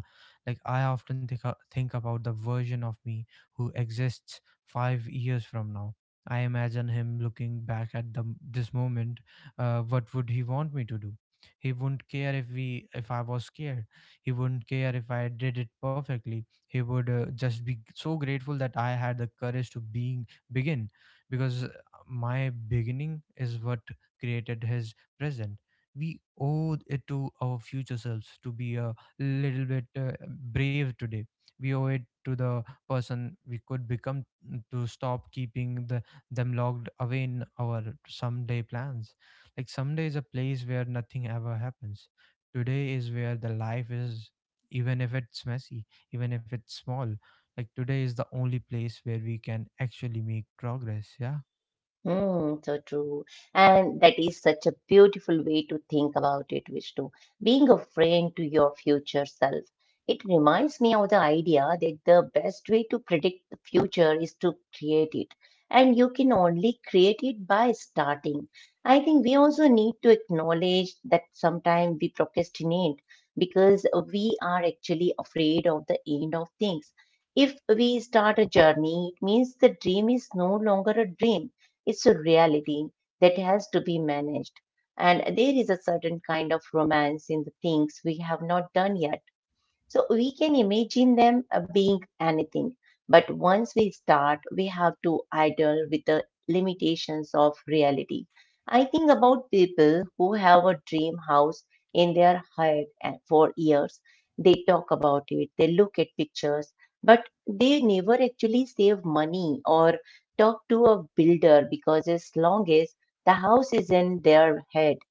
A: Like, I often think about the version of me who exists 5 years from now. I imagine him looking back at this moment. What would he want me to do? He wouldn't care if we if I was scared. He wouldn't care if I did it perfectly. He would just be so grateful that I had the courage to being begin, because my beginning is what created his present. We owe it to our future selves to be a little bit brave today. We owe it to the person we could become to stop keeping them locked away in our someday plans. Like, someday is a place where nothing ever happens. Today is where the life is, even if it's messy, even if it's small. Like, today is the only place where we can actually make progress. Yeah.
B: Mm, so true. And that is such a beautiful way to think about it, Vishnu. Being a friend to your future self. It reminds me of the idea that the best way to predict the future is to create it. And you can only create it by starting. I think we also need to acknowledge that sometimes we procrastinate because we are actually afraid of the end of things. If we start a journey, it means the dream is no longer a dream, it's a reality that has to be managed. And there is a certain kind of romance in the things we have not done yet. So we can imagine them being anything. But once we start, we have to idle with the limitations of reality. I think about people who have a dream house in their head and for years. They talk about it, they look at pictures, but they never actually save money or talk to a builder because as long as the house is in their head,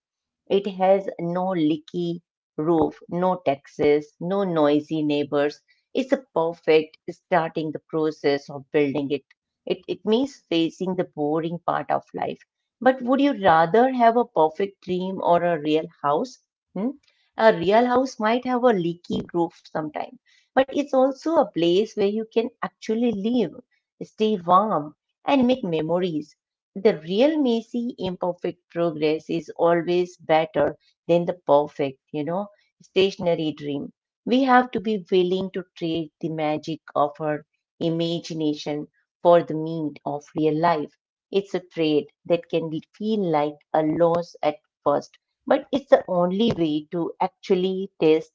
B: it has no leaky roof, no taxes, no noisy neighbors. It's a perfect starting the process of building it. It means facing the boring part of life. But would you rather have a perfect dream or a real house? Hmm? A real house might have a leaky roof sometime, but it's also a place where you can actually live, stay warm, and make memories. The real messy, imperfect progress is always better than the perfect, you know, stationary dream. We have to be willing to trade the magic of our imagination for the meat of real life. It's a trade that can feel like a loss at first, but it's the only way to actually taste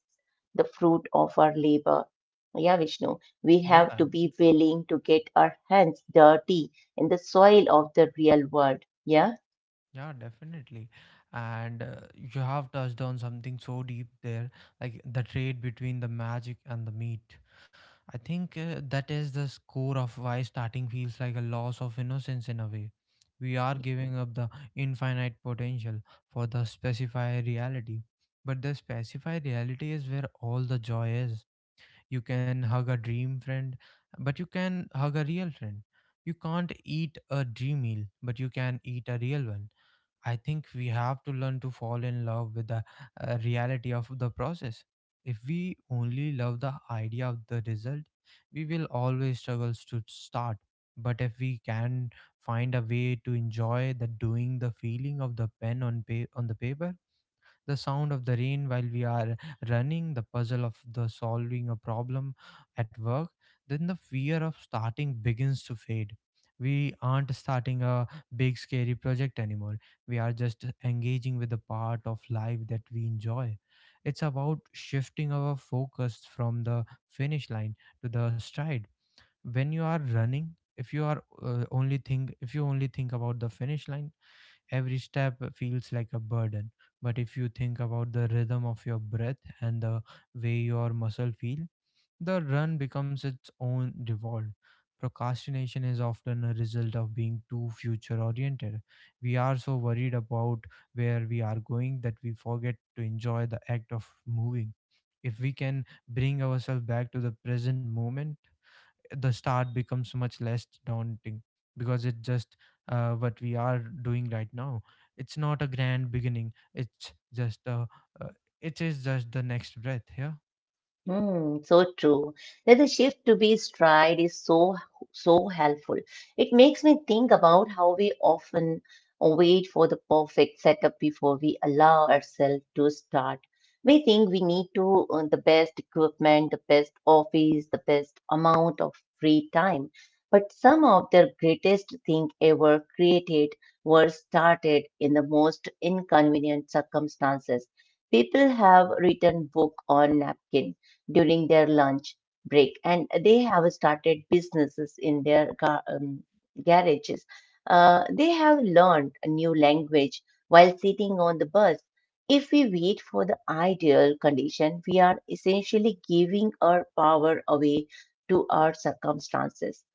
B: the fruit of our labor. Yeah, Vishnu, we have to be willing to get our hands dirty in the soil of the real world. Yeah.
A: Yeah, definitely. And you have touched on something so deep there, like the trade between the magic and the meat. I think that is the core of why starting feels like a loss of innocence in a way. We are giving up the infinite potential for the specified reality. But the specified reality is where all the joy is. You can hug a dream friend, but you can hug a real friend. You can't eat a dream meal, but you can eat a real one. I think we have to learn to fall in love with the reality of the process. If we only love the idea of the result, we will always struggle to start. But if we can find a way to enjoy the doing, the feeling of the pen on on the paper, the sound of the rain while we are running, the puzzle of the solving a problem at work, then the fear of starting begins to fade. We aren't starting a big scary project anymore. We are just engaging with the part of life that we enjoy. It's about shifting our focus from the finish line to the stride. When you are running, if you are only think if you only think about the finish line, every step feels like a burden, but if you think about the rhythm of your breath and the way your muscle feel, the run becomes its own reward. Procrastination is often a result of being too future oriented. We are so worried about where we are going that we forget to enjoy the act of moving. If we can bring ourselves back to the present moment, the start becomes much less daunting because it's just what we are doing right now. It's not a grand beginning. It's just a uh, it is just the next breath. Yeah.
B: Hmm. So true. That the shift to be stride is so so helpful. It makes me think about how we often wait for the perfect setup before we allow ourselves to start. We think we need to the best equipment, the best office, the best amount of free time. But some of the greatest thing ever created were started in the most inconvenient circumstances. People have written book on napkin during their lunch break, and they have started businesses in their garages. They have learned a new language while sitting on the bus. If we wait for the ideal condition, we are essentially giving our power away to our circumstances.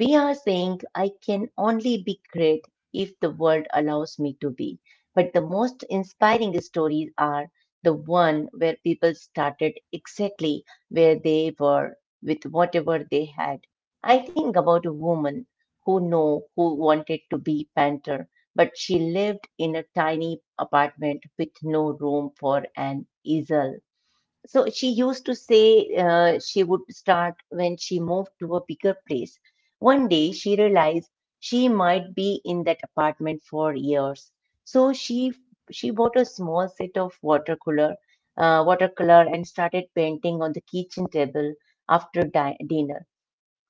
B: We are saying I can only be great if the world allows me to be. But the most inspiring stories are the one where people started exactly where they were with whatever they had. I think about a woman who know who wanted to be painter, but she lived in a tiny apartment with no room for an easel, so she used to say she would start when she moved to a bigger place. One day she realized she might be in that apartment for years. So she bought a small set of watercolor, watercolor and started painting on the kitchen table after dinner.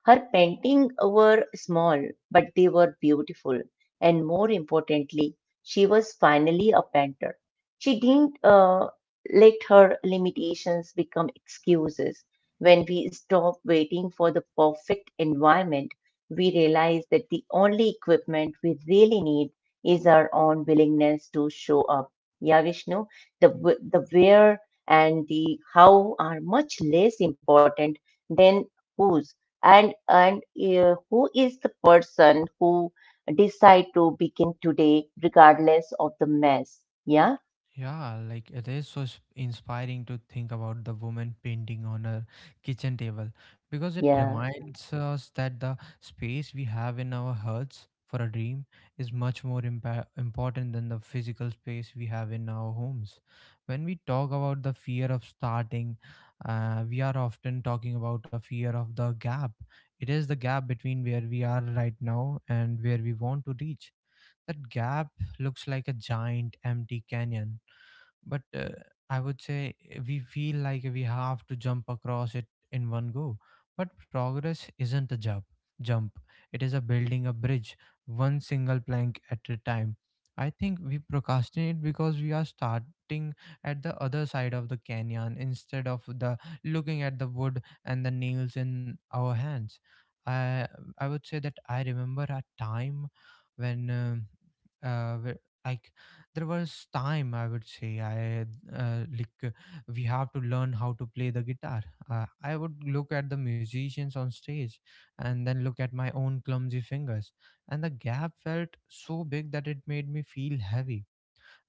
B: Her paintings were small, but they were beautiful, and more importantly, she was finally a painter. She didn't let her limitations become excuses. When we stop waiting for the perfect environment, we realize that the only equipment we really need is our own willingness to show up. Yeah, Vishnu, the, the where and the how are much less important than whose. And who is the person who decide to begin today regardless of the mess? Yeah.
A: Yeah, like it is so inspiring to think about the woman painting on her kitchen table, because it
B: Yeah.
A: reminds us that the space we have in our hearts for a dream is much more important than the physical space we have in our homes. When we talk about the fear of starting, we are often talking about a fear of the gap. It is the gap between where we are right now and where we want to reach. That gap looks like a giant empty canyon, but I would say eh, we feel like we have to jump across it in one go. But progress isn't a jump, it is a building a bridge, one single plank at a time. I think we procrastinate because we are starting at the other side of the canyon instead of the looking at the wood and the nails in our hands. I i would say that i remember a time when where I there was time I would say I like we have to learn how to play the guitar. I would look at the musicians on stage and then look at my own clumsy fingers, and the gap felt so big that it made me feel heavy.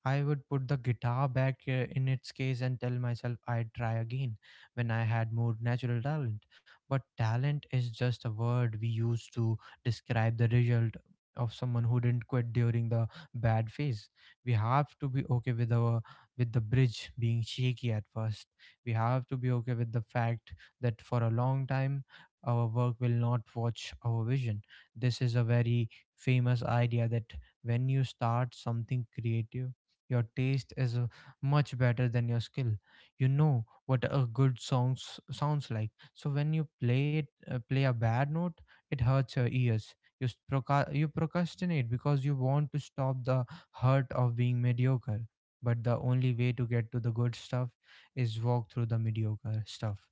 A: I would put the guitar back in its case and tell myself I'd try again when I had more natural talent. But talent is just a word we use to describe the result of someone who didn't quit during the bad phase. We have to be okay with our with the bridge being shaky at first. We have to be okay with the fact that for a long time our work will not watch our vision. This is a very famous idea that when you start something creative your taste is much better than your skill. You know what a good song sounds like. So when you play it, play a bad note, it hurts your ears. You procrastinate because you want to stop the hurt of being mediocre. But the only way to get to the good stuff is walk through the mediocre stuff.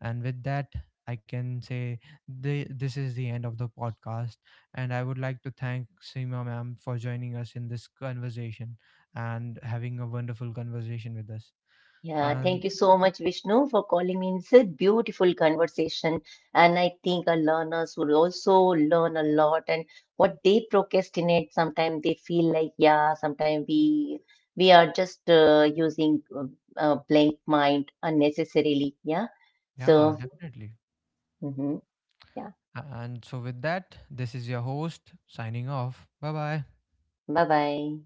A: And with that, I can say this is the end of the podcast. And I would like to thank Seema ma'am for joining us in this conversation and having a wonderful conversation with us.
B: Yeah, thank
A: And
B: you so much, Vishnu, for calling me. It's a beautiful conversation. And I think our learners will also learn a lot. And what they procrastinate sometimes, they feel like, yeah, sometimes we are just using blank mind unnecessarily. Yeah.
A: yeah,
B: So
A: definitely.
B: mhm, yeah.
A: And so, with that, this is your host signing off. Bye bye.
B: Bye bye.